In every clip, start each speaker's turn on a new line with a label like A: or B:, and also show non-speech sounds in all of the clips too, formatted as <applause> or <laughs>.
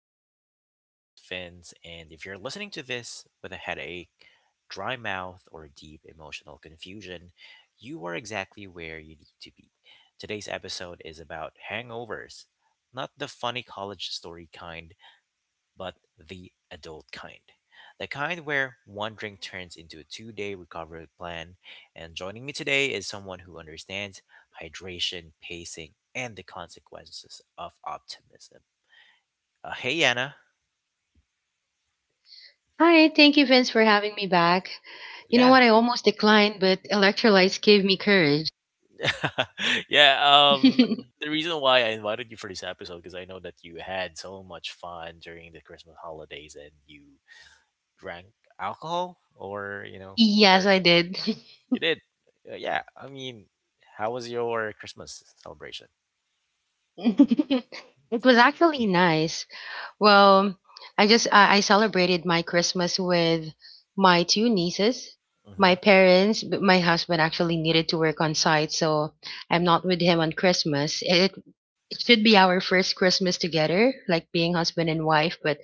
A: back to the Art of Adulting with Fins. And if you're listening to this with a headache, dry mouth, or deep emotional confusion, you are exactly where you need to be. Today's episode is about hangovers, not the funny college story kind, but the adult kind. The kind where one drink turns into a 2 day recovery plan. And joining me today is someone who understands hydration, pacing, and the consequences of optimism. Hey, Anna.
B: Hi, thank you, Vince, for having me back. You know
A: Yeah.
B: what? I almost declined, but electrolytes gave me courage.
A: <laughs> yeah um the
B: <laughs>
A: reason why I invited you for this episode because I know that you had so much fun during the Christmas holidays and you drank alcohol or
B: Yes,
A: liquor.
B: I did.
A: You did. Yeah I mean, how was your Christmas celebration?
B: <laughs> It was actually nice. Well, I celebrated my Christmas with my two nieces,
A: Mm-hmm.
B: my parents, but my husband actually needed to work on site, so I'm not with him on Christmas. It should be our first Christmas together, like being husband and wife, but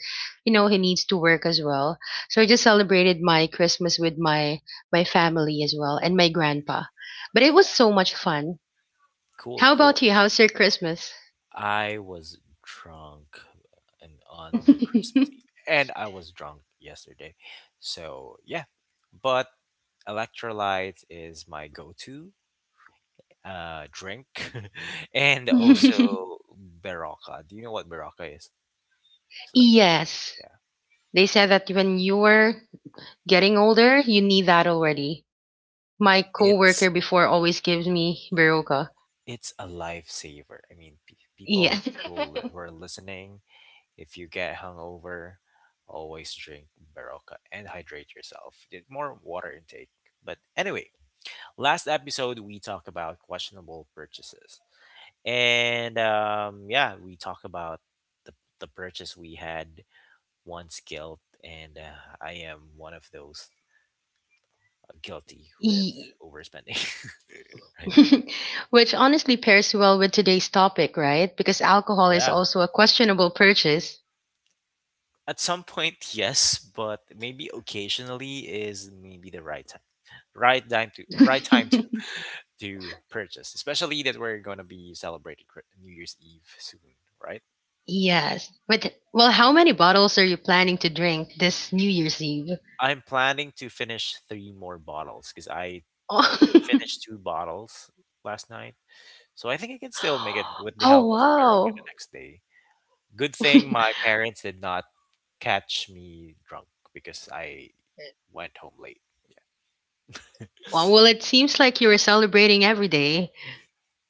B: you know, he needs to work as well. So I just celebrated my Christmas with my family as well and my grandpa. But it was
A: Yeah,
B: so much fun.
A: cool,
B: How about
A: cool.
B: you? How's your Christmas?
A: I was drunk and on the Christmas eve
B: <laughs>
A: and I was drunk yesterday, so yeah. But electrolytes is my go-to drink, <laughs> and
B: <laughs>
A: also Baraka. Do you know what Baraka is? It's like a
B: Yes.
A: yeah,
B: They said that when you were getting older, you need that already.
A: yeah.
B: My
A: It's
B: coworker before always gives me Baroka.
A: it's a lifesaver. I mean,
B: Yeah.
A: people who who are listening, if you get hungover, always drink Baraka and hydrate yourself. Get more water intake. But anyway, last episode we talk about questionable purchases, and yeah, we talk about the the purchase we had one's guilt, and I am one of those guilty
B: <laughs>
A: with
B: Ye-
A: overspending. <laughs> Right?
B: <laughs> Which honestly pairs well with today's topic, right? Because alcohol is
A: Yeah.
B: also a questionable purchase.
A: At some point, yes, but maybe occasionally is maybe the right time. Right time
B: <laughs>
A: to purchase, especially that we're gonna be celebrating New Year's Eve soon, right?
B: Yes. But well, how many bottles are you planning to drink this New Year's Eve? <laughs>
A: I'm planning to finish three more bottles because I
B: Oh,
A: finished two bottles last night. So I think I can still make it with the
B: oh
A: help of karaoke the
B: wow.
A: next day. Good thing
B: <laughs>
A: my parents did not catch me drunk because I went home late.
B: Well, well, it seems like you were celebrating every day.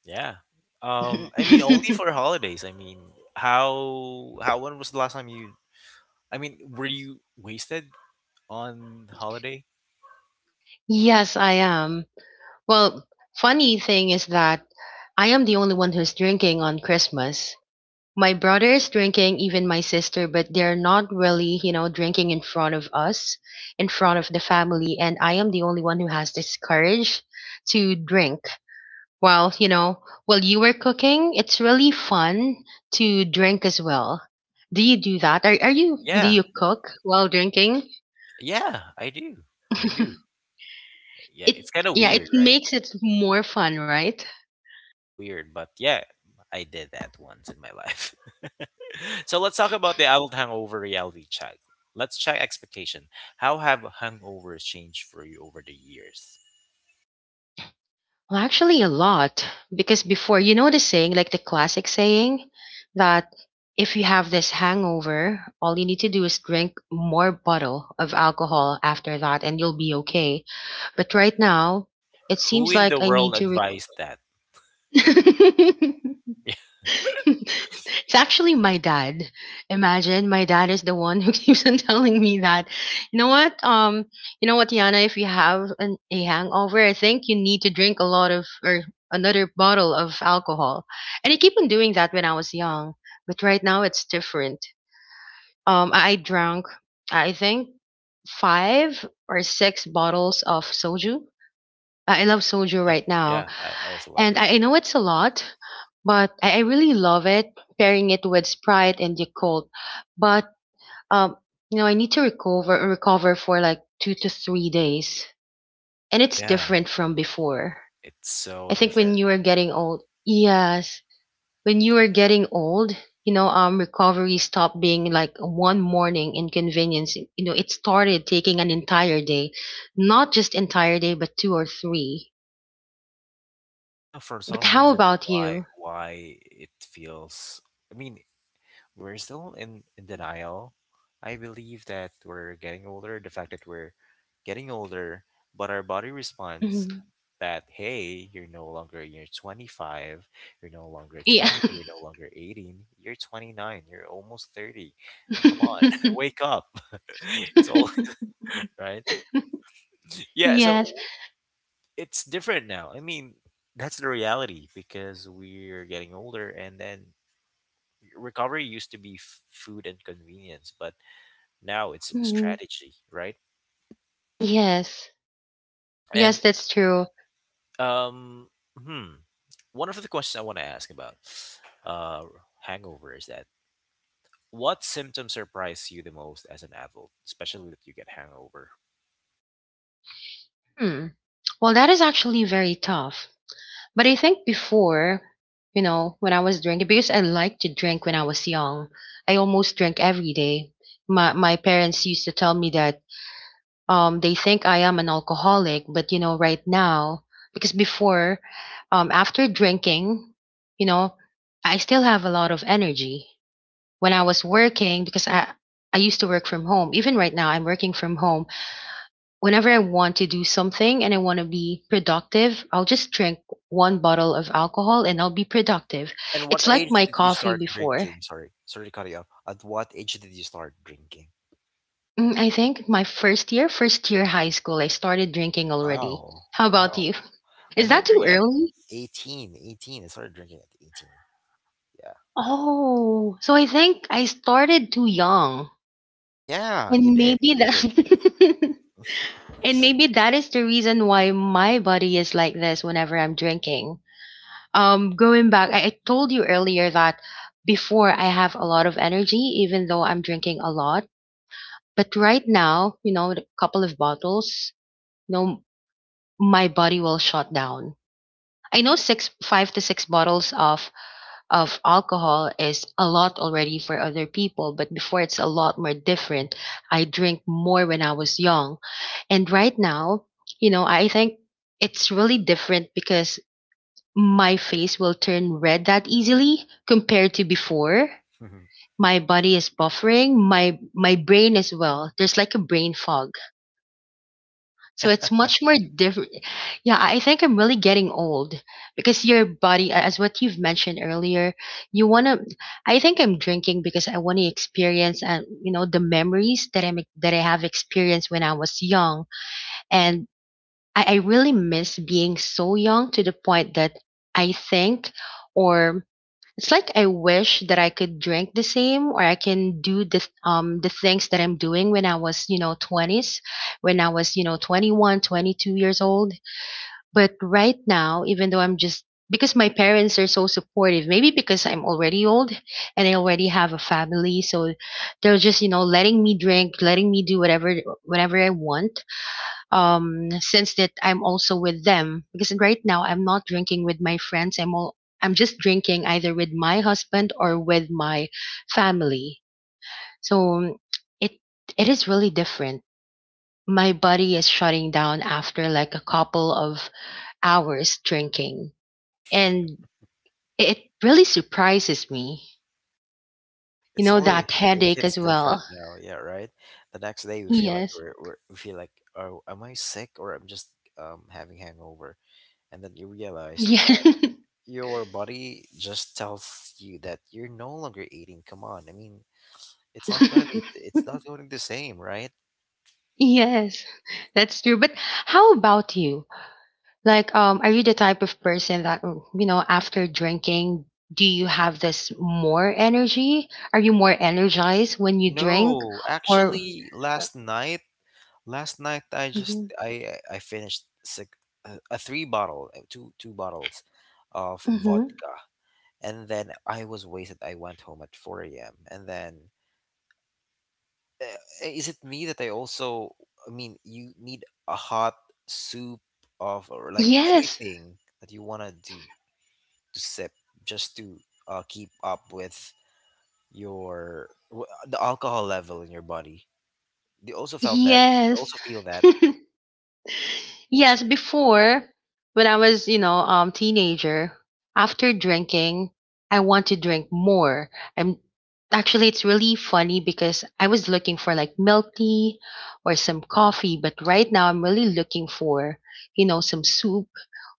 A: Yeah. I mean, only for
B: <laughs>
A: holidays. I mean, how when was the last time you? I mean, were you wasted on holiday?
B: Yes, I am. Well, funny thing is that I am the only one who's drinking on Christmas. My brother is drinking, even my sister, but they're not really, you know, drinking in front of us, in front of the family, and I am the only one who has this courage to drink. While, you know, while you were cooking, it's really fun to drink as well. Do you do that? Are you do
A: Yeah,
B: you cook while drinking?
A: yeah, I do, I do.
B: <laughs>
A: Yeah,
B: It
A: it's kind of
B: Yeah,
A: weird,
B: it
A: right?
B: makes it more fun, right?
A: Kind of weird, but yeah, I did that once in my life. <laughs> So let's talk about the adult hangover reality check. Let's check expectation. How have hangovers changed for you over the years?
B: Well, actually, a lot. Because before, you know the saying, like the classic saying, that if you have this hangover, all you need to do is drink more bottle of alcohol after that and you'll be okay. But right now, it
A: Who
B: seems
A: in
B: like
A: the
B: I need
A: world
B: to rec-
A: advised that?
B: <laughs> <laughs> It's actually my dad. Imagine my dad is the one who <laughs> keeps on telling me that, you know what, um, you know what, Yana, if you have a hangover, I think you need to drink a lot of or another bottle of alcohol. And I keep on doing that when I was young, but right now it's different. I drank, I think, five or six bottles of soju. I love soju
A: Yeah,
B: right now,
A: yeah, I also love
B: and
A: that.
B: I know it's a lot, but I really love it, pairing it with Sprite and Yakult. But um, you know, I need to recover for like 2 to 3 days. And it's
A: Yeah,
B: different from before.
A: it's so
B: I think
A: different.
B: when you were getting old, yes, when you were getting old, you know, recovery stopped being like one morning inconvenience. You know, it started taking an entire day, not just entire day, but two or three.
A: I know for
B: But
A: some
B: how
A: reason
B: about
A: why
B: you?
A: it feels. I mean, we're still in denial. I believe that we're getting older. The fact that we're getting older, but our body responds
B: Mhm. <laughs>
A: that hey, you're 25, you're no longer
B: Yeah.
A: 20, you're no longer 18, you're 29, you're almost 30.
B: <laughs>
A: Come on, <laughs> wake up. <laughs> It's all. Right? Yeah, so
B: Yes.
A: it's different now. I mean, that's the reality because we're getting older, and then recovery used to be food and convenience, but now it's
B: Mm.
A: strategy, right?
B: Yes.
A: And
B: Yes, that's true.
A: um, hmm, one of the questions I want to ask about uh, hangover is that what symptoms surprise you the most as an adult, especially that you get hangover?
B: Hmm. Well, that is actually very tough. But I think before, you know, when I was drinking, because I liked to drink when I was young, I almost drank every day. My parents used to tell me that they think I am an alcoholic, but you know, right now, because before, after drinking, you know, I still have a lot of energy. When I was working because I used to work from home. Even right now, I'm working from home. Whenever I want to do something and I want to be productive, I'll just drink one bottle of alcohol and I'll be productive.
A: And what
B: It's like
A: age
B: my
A: did you
B: coffee
A: start
B: before.
A: drinking? Sorry, sorry to cut you off. At what age did you start drinking?
B: I think my first year high school, I started drinking already.
A: Wow,
B: How about
A: wow.
B: you? <laughs>
A: I
B: Is
A: started
B: that too
A: drinking at
B: early?
A: 18. 18. I started drinking at 18. Yeah.
B: Oh, so I think I started too young.
A: Yeah, you
B: And
A: did.
B: maybe
A: You did.
B: that <laughs> and maybe that is the reason why my body is like this whenever I'm drinking. Going back, I told you earlier that before I have a lot of energy, even though I'm drinking a lot. But right now, you know, a couple of bottles, you know, my body will shut down. I know five to six bottles of alcohol is a lot already for other people, but before it's a lot more different. I drink more when I was young. And right now, you know, I think it's really different because my face will turn red that easily compared to before.
A: <laughs>
B: My body is buffering, my brain as well. There's like a brain fog, so it's much more different. Yeah, I think I'm really getting old because your body, as what you've mentioned earlier, you want to. I think I'm drinking because I want to experience and you know the memories that I have experienced when I was young, and I really miss being so young to the point that I think or it's like I wish that I could drink the same or I can do the things that I'm doing when I was, you know, 20s, when I was, you know, 21, 22 years old. But right now, even though I'm just because my parents are so supportive, maybe because I'm already old and I already have a family, so they're just, you know, letting me drink, letting me do whatever I want since that I'm also with them because right now I'm not drinking with my friends, I'm just drinking either with my husband or with my family. So it it is really different. My body is shutting down after like a couple of hours drinking, and it really surprises me, you
A: It's
B: know,
A: only
B: that
A: it
B: headache
A: hits
B: as
A: different
B: well.
A: now. Yeah, right. The next day we feel like
B: Yes.
A: we're, we're we feel like oh, am I sick or I'm just having hangover, and then you realize
B: Yeah.
A: that your body just tells you that you're no longer eating. Come on, I mean it's
B: <laughs>
A: not going to be the same, right?
B: Yes, that's true. But how about you? Like, are you the type of person that, you know, after drinking, do you have this more energy? Are you more energized when you drink?
A: No,
B: Or,
A: actually, last night last night I just
B: Mhm,
A: I finished a two bottles of
B: mhm.
A: vodka, and then I was wasted. I went home at four a.m. and then uh, is it me that I also? I mean, you need a hot soup of or like
B: Yes,
A: anything that you wanted to sip just to keep up with the alcohol level in your body. You also felt that. You
B: yes.
A: also feel that.
B: <laughs> Yes, before when I was, you know, teenager, after drinking, I want to drink more. I'm Actually it's really funny because I was looking for like milk tea or some coffee, but right now I'm really looking for, you know, some soup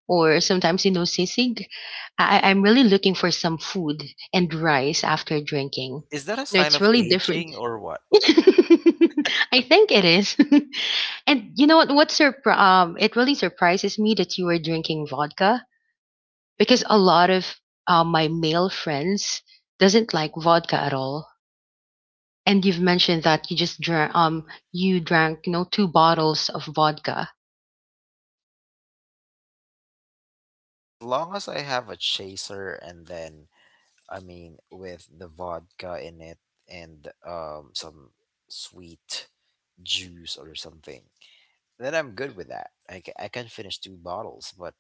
B: or sometimes you know sisig. I'm really looking for some food and rice after drinking.
A: Is that a
B: No,
A: sign
B: it's
A: of
B: really different.
A: aging or what?
B: <laughs> I think it is. <laughs> And you know what? It really surprises me that you were drinking vodka because a lot of my male friends doesn't like vodka at all. And you've mentioned that you just drank, you drank, you know, two bottles of vodka.
A: As long as I have a chaser, and then I mean with the vodka in it and some sweet juice or something, then I'm good with that. I, I can finish two bottles, but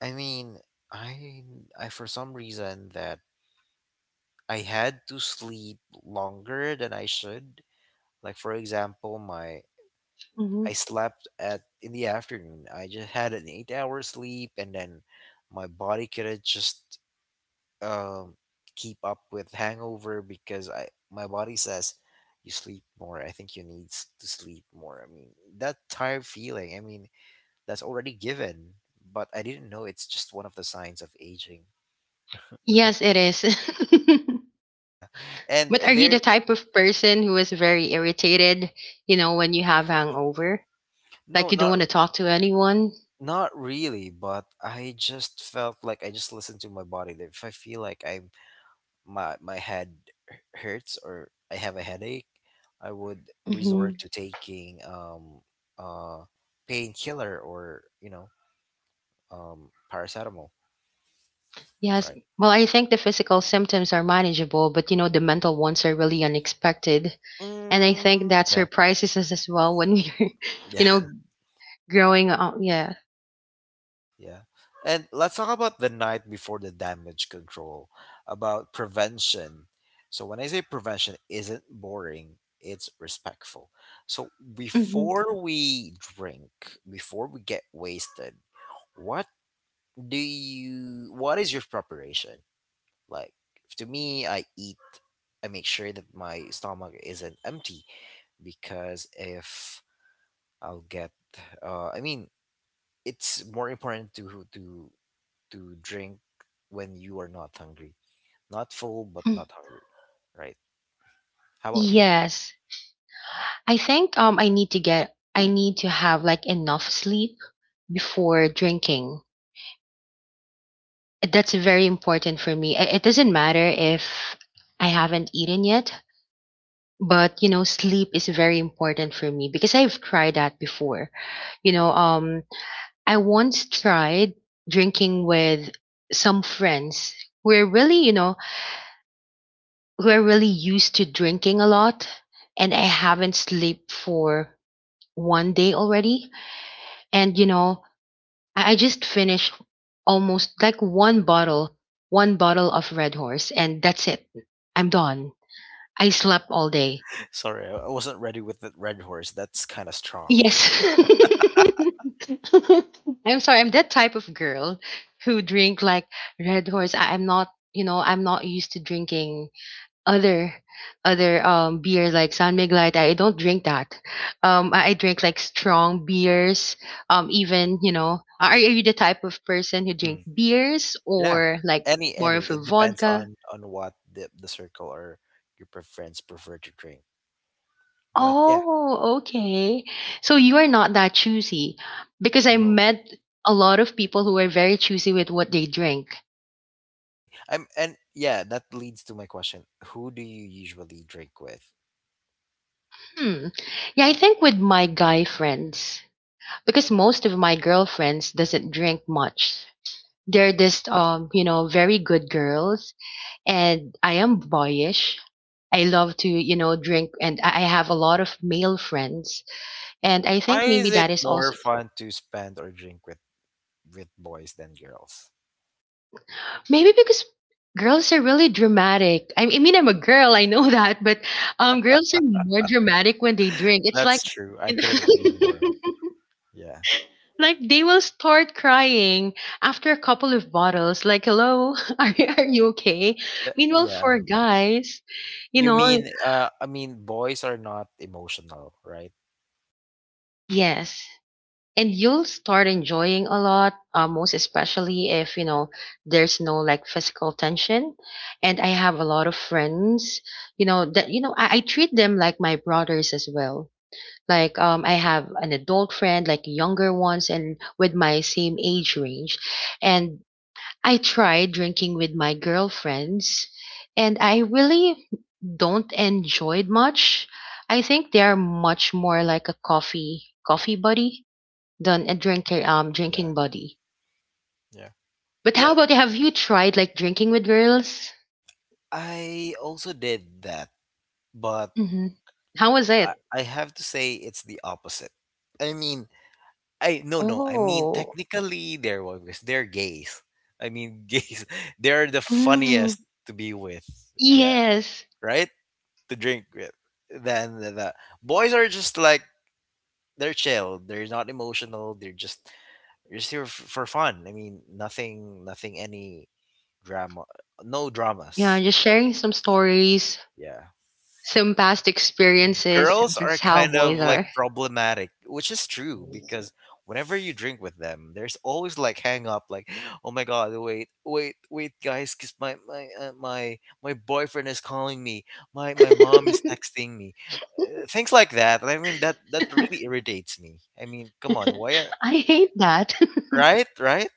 A: I mean I I for some reason that I had to sleep longer than I should. Like for example, my
B: Hmm.
A: I slept at in the afternoon. I just had an 8 hour sleep and then my body could have just um, keep up with hangover because I my body says you sleep more. I think you need to sleep more. I mean that tired feeling. I mean that's already given, but I didn't know it's just one of the signs of aging. <laughs> Right.
B: Yes, it is.
A: Yeah.
B: <laughs>
A: And
B: But are you the
A: there
B: type of person who is very irritated, you know, when you have hangover?
A: no
B: Like you don't
A: not
B: want to talk to anyone?
A: not really, but I just felt like I just listened to my body. That if I feel like I'm my head hurts or I have a headache, I would resort to taking uh painkiller or paracetamol.
B: Yes.
A: Right.
B: Well, I think the physical symptoms are manageable, but you know, the mental ones are really unexpected. And I
A: Mm,
B: think that
A: yeah.
B: surprises us as well when we're,
A: <laughs>
B: <laughs> you know,
A: Yeah.
B: growing up. Yeah.
A: Yeah. Yeah. And let's talk about the night before the damage control, about prevention. So when I say prevention isn't boring, it's respectful. So
B: Hmm.
A: before we drink, before we get wasted, what do you what is your preparation like? To me, I eat. I make sure that my stomach isn't empty because if I'll get I mean it's more important to drink when you are not hungry, not full but not hungry, right? How about you?
B: Yes. I think I need to have like enough sleep before drinking. That's very important for me. It doesn't matter if I haven't eaten yet, but you know, sleep is very important for me because I've tried that before. You know, I once tried drinking with some friends who are really, you know, who are really used to drinking a lot, and I haven't slept for one day already. And you know, I just finished almost like one bottle of Red Horse, and that's it. I'm done. I slept all day.
A: <laughs> Sorry, I wasn't ready with the Red Horse. That's kind of strong.
B: Yes. <laughs> I'm sorry. I'm that type of girl who drink like Red Horse. I'm not, you know, I'm not used to drinking other other beers like San Miguel. I don't drink that. I drink like strong beers. Even you know, are you the type of person who drink
A: Hmm.
B: beers
A: Yeah,
B: or like more
A: any
B: of a
A: it depends
B: vodka?
A: on what the circle or your preference prefer to drink, but yeah.
B: Oh, okay. So you are not that choosy because
A: Oh
B: I
A: no,
B: met a lot of people who are very choosy with what they drink.
A: really. I'm and Yeah, that leads to my question. Who do you usually drink with?
B: Hmm. Yeah, I think with my guy friends because most of my girlfriends doesn't drink much. They're just you know, very good girls and I am boyish. I love to, you know, drink and I have a lot of male friends and I think
A: Why
B: maybe
A: is it
B: that is
A: more
B: also.
A: fun to spend or drink with boys than girls?
B: Maybe because girls are really dramatic. I mean, I'm a girl, I know that, but girls are more dramatic when they drink. It's like,
A: That's true. I couldn't agree
B: <laughs>
A: more. Yeah.
B: like they will start crying after a couple of bottles. Like, hello, <laughs> are you okay?
A: That,
B: Meanwhile,
A: yeah.
B: for guys, you
A: You
B: know,
A: mean I mean boys are not emotional, right?
B: yes, and you'll start enjoying a lot most especially if you know there's no like physical tension and I have a lot of friends that I treat them like my brothers as well like I have an adult friend like younger ones and with my same age range and I try drinking with my girlfriends and I really don't enjoy it much. I think they are much more like a coffee buddy than a drinker
A: Yeah.
B: drinking buddy.
A: Yeah.
B: But
A: Yeah,
B: how about have you tried like drinking with girls?
A: I also did that, but
B: Hmm. How was it?
A: I have to say it's the opposite. I mean, I no. I mean,
B: Oh,
A: technically, they're walrus. They're gays. I mean, <laughs> gays. They're the
B: mm,
A: funniest to be with. Yeah,
B: yes.
A: right. To drink with. Then the boys are just like they're chill. They're not emotional. They're just here for fun. I mean, nothing, any drama, no
B: Yeah,
A: dramas. In
B: just
A: short,
B: sharing some stories,
A: yeah.
B: some past experiences.
A: Girls are
B: That's how
A: kind of
B: boys
A: like
B: are.
A: problematic, which is true because whenever you drink with them, there's always like hang up, like, oh my god, wait, wait, wait, guys, because my my boyfriend is calling me, my mom is
B: <laughs>
A: texting me, things like that. I mean that that really irritates me. I mean, come on, why are
B: I hate that.
A: right, right,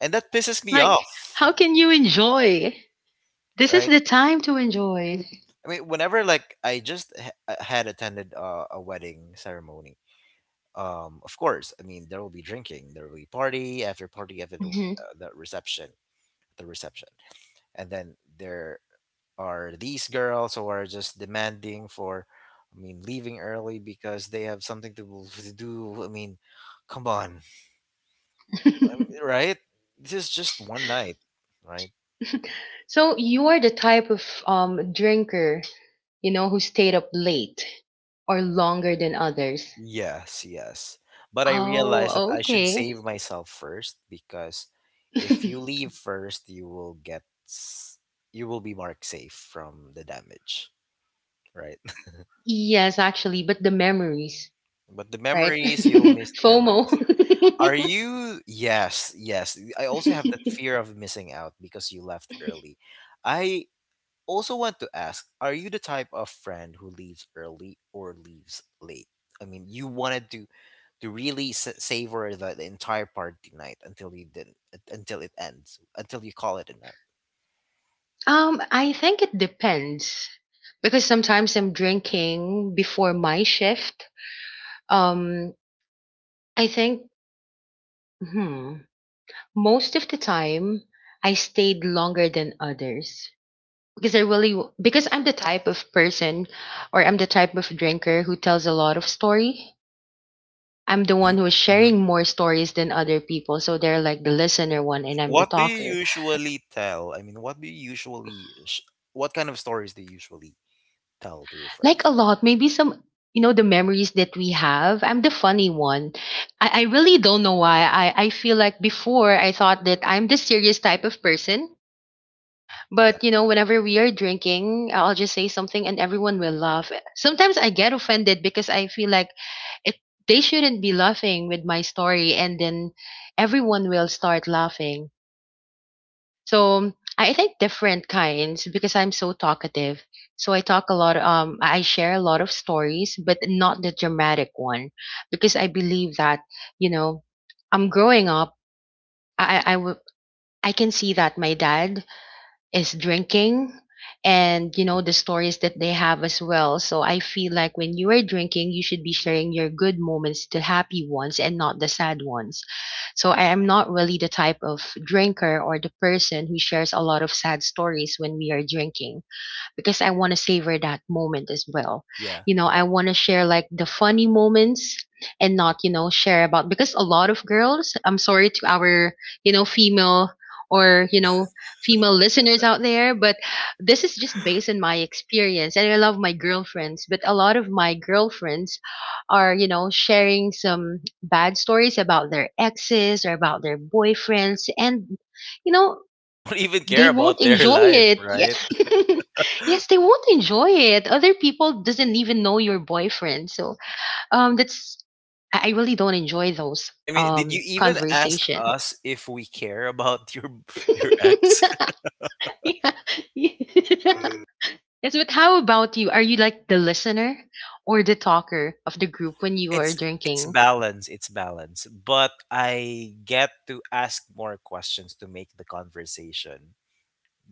A: and that pisses
B: <laughs>
A: me
B: Like,
A: off,
B: how can you enjoy? This is
A: right.
B: the time to enjoy.
A: I mean, whenever like I just had attended a wedding ceremony, of course, I mean, there will be drinking, there will be party after party after
B: Mhm.
A: the reception, and then there are these girls who are just demanding for, I mean, leaving early because they have something to do. I mean, come on, um,
B: <laughs>
A: right? This is just one night, right?
B: So you are the type of drinker, who stayed up late or longer than others.
A: Yes, yes. But I
B: Oh,
A: realized that I should
B: okay.
A: save myself first because if you
B: <laughs>
A: leave first, you will get s- you will be marked safe from the damage, right? <laughs>
B: Yes, actually, but the memories,
A: But the
B: right? <laughs>
A: memories, you'll miss the
B: FOMO.
A: memories. Are you? Yes, yes. I also have that fear
B: <laughs>
A: of missing out because you left early. I also want to ask, are you the type of friend who leaves early or leaves late? I mean, you wanted to really savor the entire party night until you didn't until it ends until you call it a night.
B: I think it depends because sometimes I'm drinking before my shift. Um, I think, hmm, most of the time I stayed longer than others, because I'm the type of person or I'm the type of drinker who tells a lot of story. I'm the
A: Mm-hmm.
B: one who is
A: Mm-hmm.
B: sharing more stories than other people, so they're like the listener one, and I'm the
A: What do you
B: talker.
A: usually tell? I mean, what do you usually, what kind of stories do you usually tell to your
B: Like a
A: friends?
B: lot, maybe some the memories that we have. I'm the funny one. I really don't know why. I feel like before I thought that I'm the serious type of person.
A: Yeah,
B: But whenever we are drinking, I'll just say something and everyone will laugh. Sometimes I get offended because I feel like it they shouldn't be laughing with my story, and then everyone will start laughing. So I think different kinds because I'm so talkative, so I talk a lot, I share a lot of stories, but not the dramatic one, because I believe that, you know I'm growing up. I i, I w- I can see that my dad is drinking, and you know the stories that they have as well, so I feel like when you are drinking you should be sharing your good moments, the happy ones, and not the sad ones. So I am not really the type of drinker or the person who shares a lot of sad stories when we are drinking, because I want to savor that moment as well.
A: yeah, yeah.
B: I
A: <laughs>
B: want to share like the funny moments and not, share about, because a lot of girls, I'm sorry to our, female or, female listeners out there, but this is just based on my experience, and I love my girlfriends, but a lot of my girlfriends are, sharing some bad stories about their exes or about their boyfriends, and you know
A: We don't even care
B: they won't
A: about their
B: enjoy
A: life,
B: it.
A: right?
B: Yes. <laughs> Yes, they won't enjoy it. Other people doesn't even know your boyfriend. So that's, I really don't enjoy those
A: I mean, did you even ask
B: conversation.
A: us if we care about your <laughs> your
B: <laughs>
A: ex?
B: Yeah. <laughs> Yes, but how about you? Are you like the listener or the talker of the group when
A: <laughs>
B: you are
A: It's
B: drinking?
A: balance, it's balance. But I get to ask more questions to make the conversation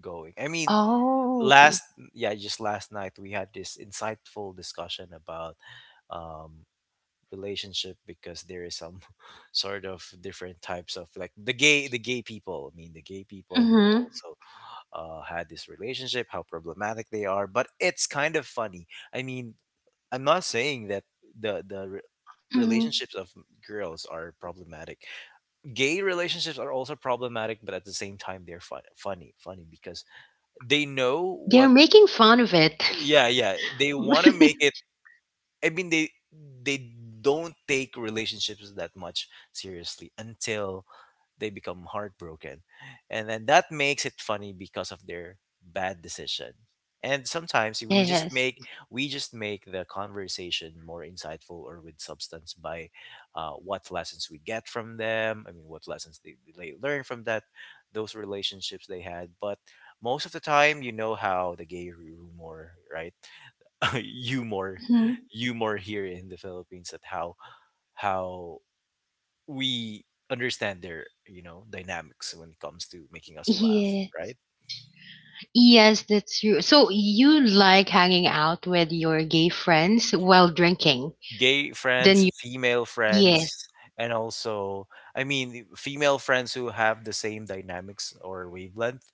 A: going. I mean,
B: Oh.
A: last yeah, just last night we had this insightful discussion about um relationship because there is some <laughs> sort of different types of like the gay people. I mean, the gay
B: Mhm.
A: people who
B: Mm-hmm.
A: also had this relationship, how problematic they are. But it's kind of funny. I mean, I'm not saying that the the re-
B: Hmm.
A: relationships of girls are problematic, gay relationships are also problematic, but at the same time they're funny, funny because they know what.
B: They're making fun of it.
A: Yeah, yeah, they want to make it.
B: <laughs>
A: I mean they don't take relationships that much seriously until they become heartbroken, and then that makes it funny because of their bad decision. And sometimes
B: Yes.
A: we just make the conversation more insightful or with substance by what lessons we get from them. I mean what lessons they learn from that those relationships they had. But most of the time, you know how the gay rumor, right? <laughs> humor
B: Hmm.
A: Humor here in the Philippines, at how how we understand their, you know, dynamics when it comes to making us laugh,
B: Yes.
A: right?
B: Yes, that's true. So you like hanging out with your gay friends while drinking.
A: Gay
B: Then
A: friends,
B: you,
A: female
B: yes,
A: friends, and also, I mean, female friends who have the same dynamics or wavelength,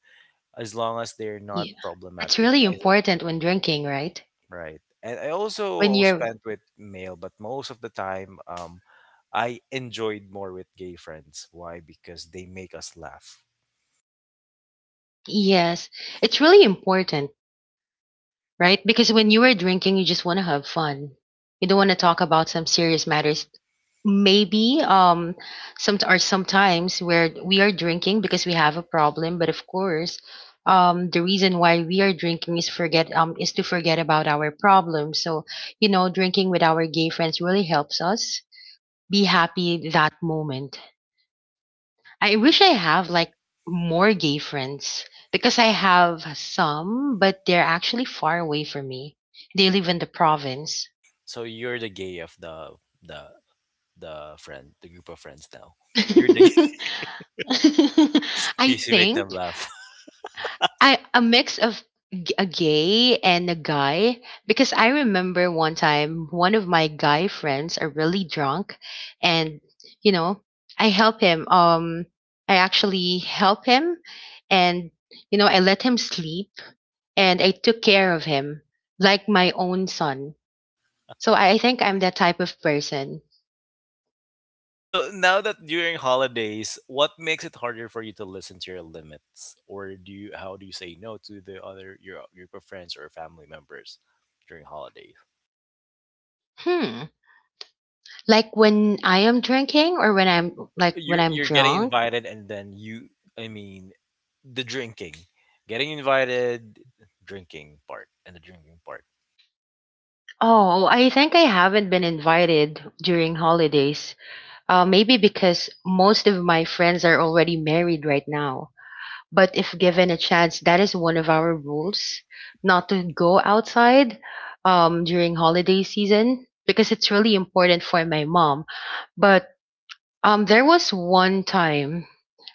A: as long as they're not
B: yeah. That's
A: problematic.
B: really important when drinking, right?
A: Right, and I
B: When
A: also
B: you're,
A: spent with male, but most of the time, I enjoyed more with gay friends. Why? Because they make us laugh.
B: yes, it's really important, right? Because when you are drinking, you just want to have fun. You don't want to talk about some serious matters. Maybe, some or sometimes where we are drinking because we have a problem, but of course the reason why we are drinking is to forget about our problem. So drinking with our gay friends really helps us be happy that moment. I wish I
A: Exactly.
B: have like more gay friends, because I have some but they're actually far away from me. They live in the province.
A: So you're the gay of the the friend, the group of friends now. You're the <laughs>
B: <laughs> <laughs> I
A: gay 'cause you make
B: think
A: them laugh. <laughs>
B: I a mix of a gay and a guy, because I remember one time one of my guy friends are really drunk, and you know I help him, I actually help him, and I let him sleep, and I took care of him like my own son. So I think I'm that type of person.
A: So now that during holidays, what makes it harder for you to listen to your limits, or do you, how do you say no to the other, your group of friends or family members during holidays?
B: Hmm. Like when I am drinking or when I'm like when
A: You're
B: I'm
A: you're getting
B: drunk.
A: invited, and then I mean, the drinking, getting invited, drinking part, and the drinking part.
B: Oh, I think I haven't been invited during holidays. Maybe because most of my friends are already married right now. But if given a chance, that is one of our rules, not to go outside during holiday season because it's really important for my mom. But there was one time,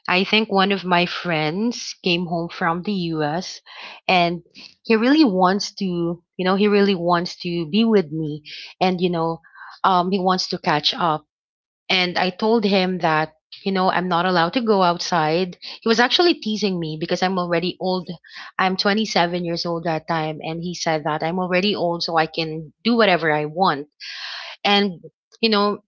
B: I think one of my friends came home from the US, and he really wants to, he really wants to be with me, and, he wants to catch up. And I told him that, I'm not allowed to go outside. He was actually teasing me because I'm already old. I'm 27 years old that time. And he said that I'm already old so I can do whatever I want. And, you know,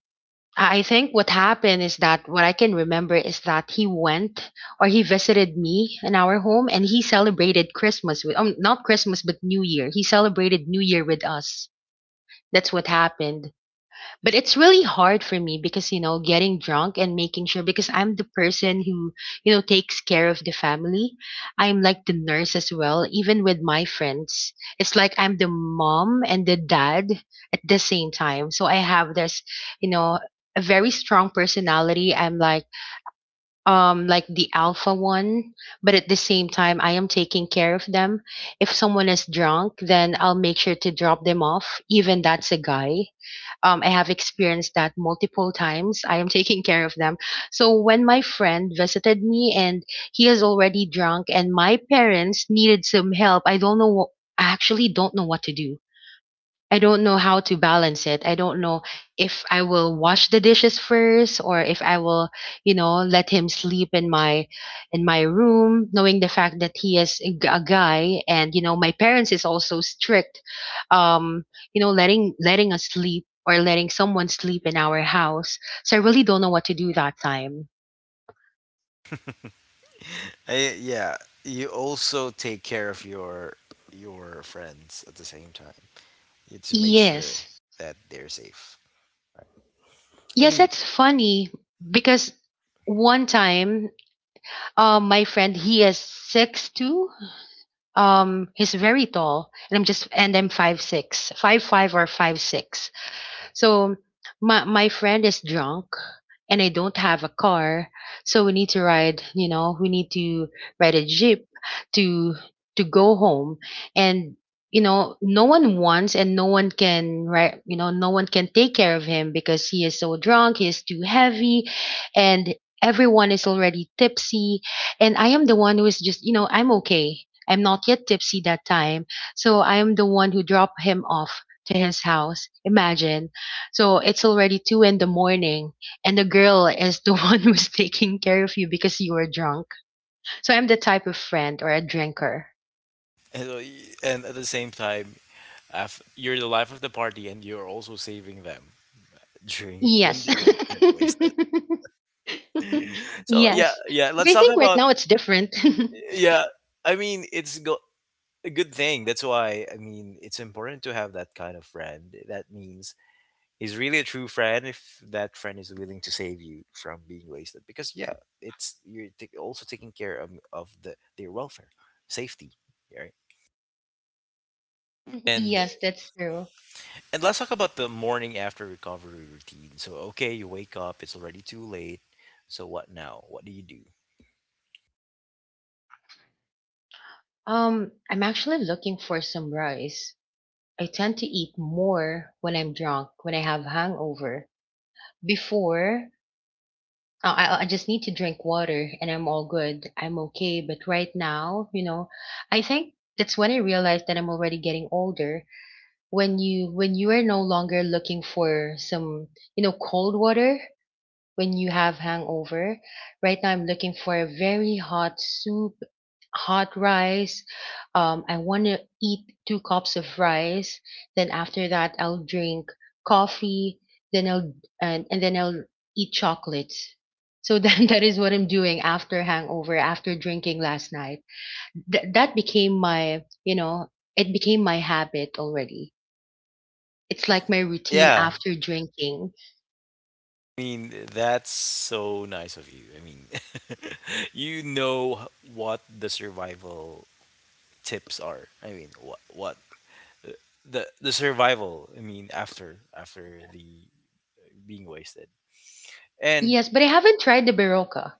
B: I think what happened is that what I can remember is that he went or he visited me in our home, and he celebrated Christmas with, not Christmas, but New Year. He celebrated New Year with us. That's what happened. But it's really hard for me because, getting drunk and making sure, because I'm the person who, takes care of the family. I'm like the nurse as well, even with my friends. It's like I'm the mom and the dad at the same time. So I have this, you know, a very strong personality. I'm like the alpha one, but at the same time I am taking care of them. If someone is drunk, then I'll make sure to drop them off, even that's a guy. I have experienced that multiple times. I am <laughs> taking care of them. So when my friend visited me and he is already drunk and my parents needed some help, I don't know what, I actually don't know what to do. I don't know how to balance it. I don't know if I will wash the dishes first, or if I will, let him sleep in my room, knowing the fact that he is a a guy, and my parents is also strict, um, letting us sleep, or letting someone sleep in our house. So I really don't know what to do that time.
A: I, yeah, you also take care of your friends at the same time, to make sure,
B: Yes.
A: yes, that they're safe. I
B: Yes,
A: mean,
B: it's funny because one time, my friend, he is 6'2". He's very tall, and I'm just and I'm 5'6", five 5 or 5'6". So my friend is drunk and I don't have a car. So we need to ride a jeep to to go home, and no one wants, and no one can, right, no one can take care of him because he is so drunk, he is too heavy, and everyone is already tipsy, and I am the one who is just, I'm okay. I'm not yet tipsy that time. So I am the one who dropped him off to his house. Imagine. So it's already 2 in the morning, and the girl is the <laughs> one who's taking care of you because you were drunk. So I'm the type of friend or a drinker.
A: and, and at the same time, you're the life of the party, and you're also saving them during when
B: Yes.
A: they may get wasted.
B: <laughs>
A: <laughs> So yeah,
B: Yes.
A: yeah.
B: But
A: Let's
B: I
A: talk
B: think right
A: about.
B: now it's different.
A: Yeah. I mean, a good thing. That's why, I mean, it's important to have that kind of friend. That means he's really a true friend if that friend is willing to save you from being wasted. Because, yeah, it's, you're also taking care of the their welfare, safety, right?
B: <laughs>
A: And
B: Yes, that's true.
A: and let's talk about the morning after recovery routine. So okay, you wake up, it's already too late. So what now? What do you do?
B: I'm actually looking for some rice. I tend to eat more when I'm drunk, when I have hangover. Before, oh, I just need to drink water and I'm all good. I'm okay. But right now, I think that's when I realized that I'm already getting older. When you are no longer looking for some, cold water, when you have hangover. Right now, I'm looking for a very hot soup, hot rice. I want to eat 2 cups of rice. Then after that, I'll drink coffee. Then I'll and then I'll eat chocolates. So then, <laughs> that is what I'm doing after hangover, after drinking last night. That became my, it became my habit already. It's like my routine
A: Yeah.
B: after drinking.
A: I mean, that's so nice of you. I mean, <laughs> you know, what the survival tips are. I mean, what the survival, I mean, after after the being wasted, and
B: Yes, but I haven't tried the Barocca.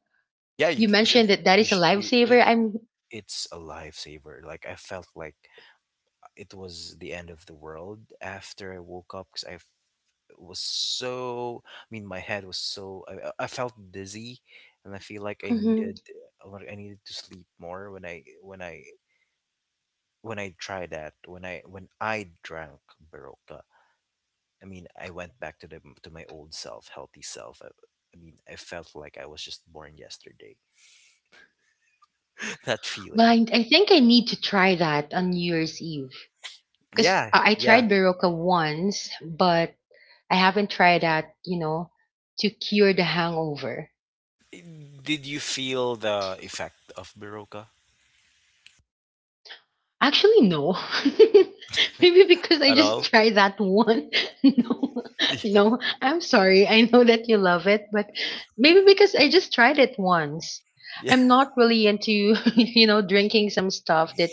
A: yeah,
B: You
A: you should,
B: mentioned that that
A: you
B: is a
A: should you, you,
B: lifesaver. I'm,
A: it's a lifesaver. Like I felt like it was the end of the world after I woke up because was so. I mean, my head was so. I felt dizzy, and I feel like
B: mhm.
A: I needed to sleep more when I when I when I tried that, when I drank Baroque. I mean, I went back to the to my old self, healthy self. I mean, I felt like I was just born yesterday. <laughs> That
B: Well,
A: feeling.
B: I think I need to try that on New Year's Eve, because
A: Yeah,
B: I
A: yeah.
B: tried Barocca once, but I haven't tried that, to cure the hangover.
A: Did you feel the effect of Baroka
B: Actually, no. <laughs> Maybe because I
A: at
B: just
A: all?
B: tried that one. <laughs> No,
A: <laughs>
B: no, I'm sorry. I know that you love it, but maybe because I just tried it once.
A: Yeah.
B: I'm not really into, <laughs> drinking some stuff that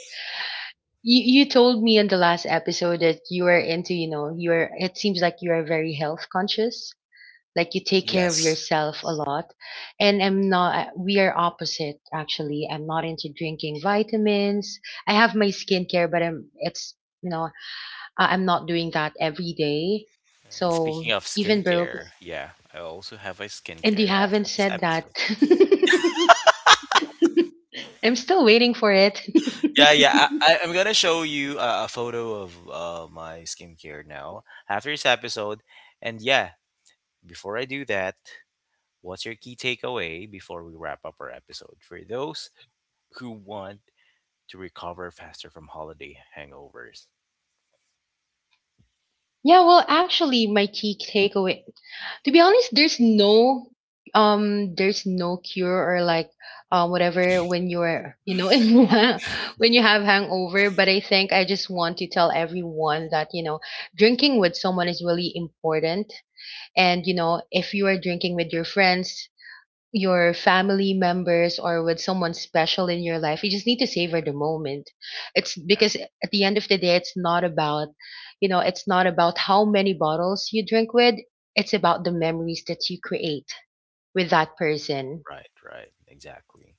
B: you told me in the last episode that you are into, you are, it seems like you are very health conscious, like you take care of
A: Yes.
B: yourself a lot. And I'm not we are opposite actually. I'm not into drinking vitamins. I have my skincare, but I'm it's, you know, I'm not doing that every day.
A: And speaking
B: So
A: of
B: even broke,
A: skincare, yeah, I also have a
B: and you
A: skincare
B: haven't
A: after this
B: said that.
A: episode.
B: <laughs> I'm still waiting for it.
A: Yeah,
B: <laughs>
A: yeah, I'm gonna show you a photo of my skincare now after this episode. And yeah, before I do that, what's your key takeaway before we wrap up our episode for those who want to recover faster from holiday hangovers?
B: Yeah, well, actually, my key takeaway, to be honest, there's no cure, or like whatever when you're, <laughs>
A: <sighs>
B: in, when you have hangover. But I think I just want to tell everyone that, drinking with someone is really important, and, if you are drinking with your friends, your family members, or with someone special in your life, you just need to savor the moment. It's
A: Yeah,
B: because at the end of the day, it's not about how many bottles you drink with, it's about the memories that you create with
A: right,
B: that person.
A: right. Exactly.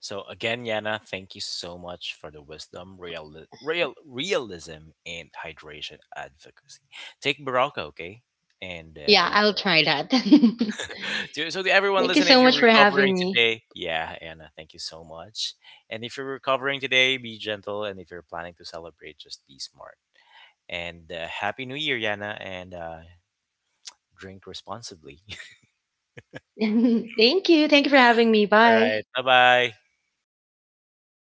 A: So again, Yana, thank you so much for the wisdom, real realism, and hydration advocacy. Take Baraka, okay? And
B: Yeah, I'll
A: enjoy.
B: try that. <laughs> Thank
A: <laughs> So, so to everyone
B: you
A: listening, if
B: so
A: you're
B: much for
A: recovering
B: having me.
A: today, yeah, Anna, thank you so much. And if you're recovering today, be gentle. And if you're planning to celebrate, just be smart. And Happy New Year, Yana, and drink responsibly. <laughs>
B: <laughs> Thank you, thank you for having me.
A: All
B: Bye.
A: right. Bye bye.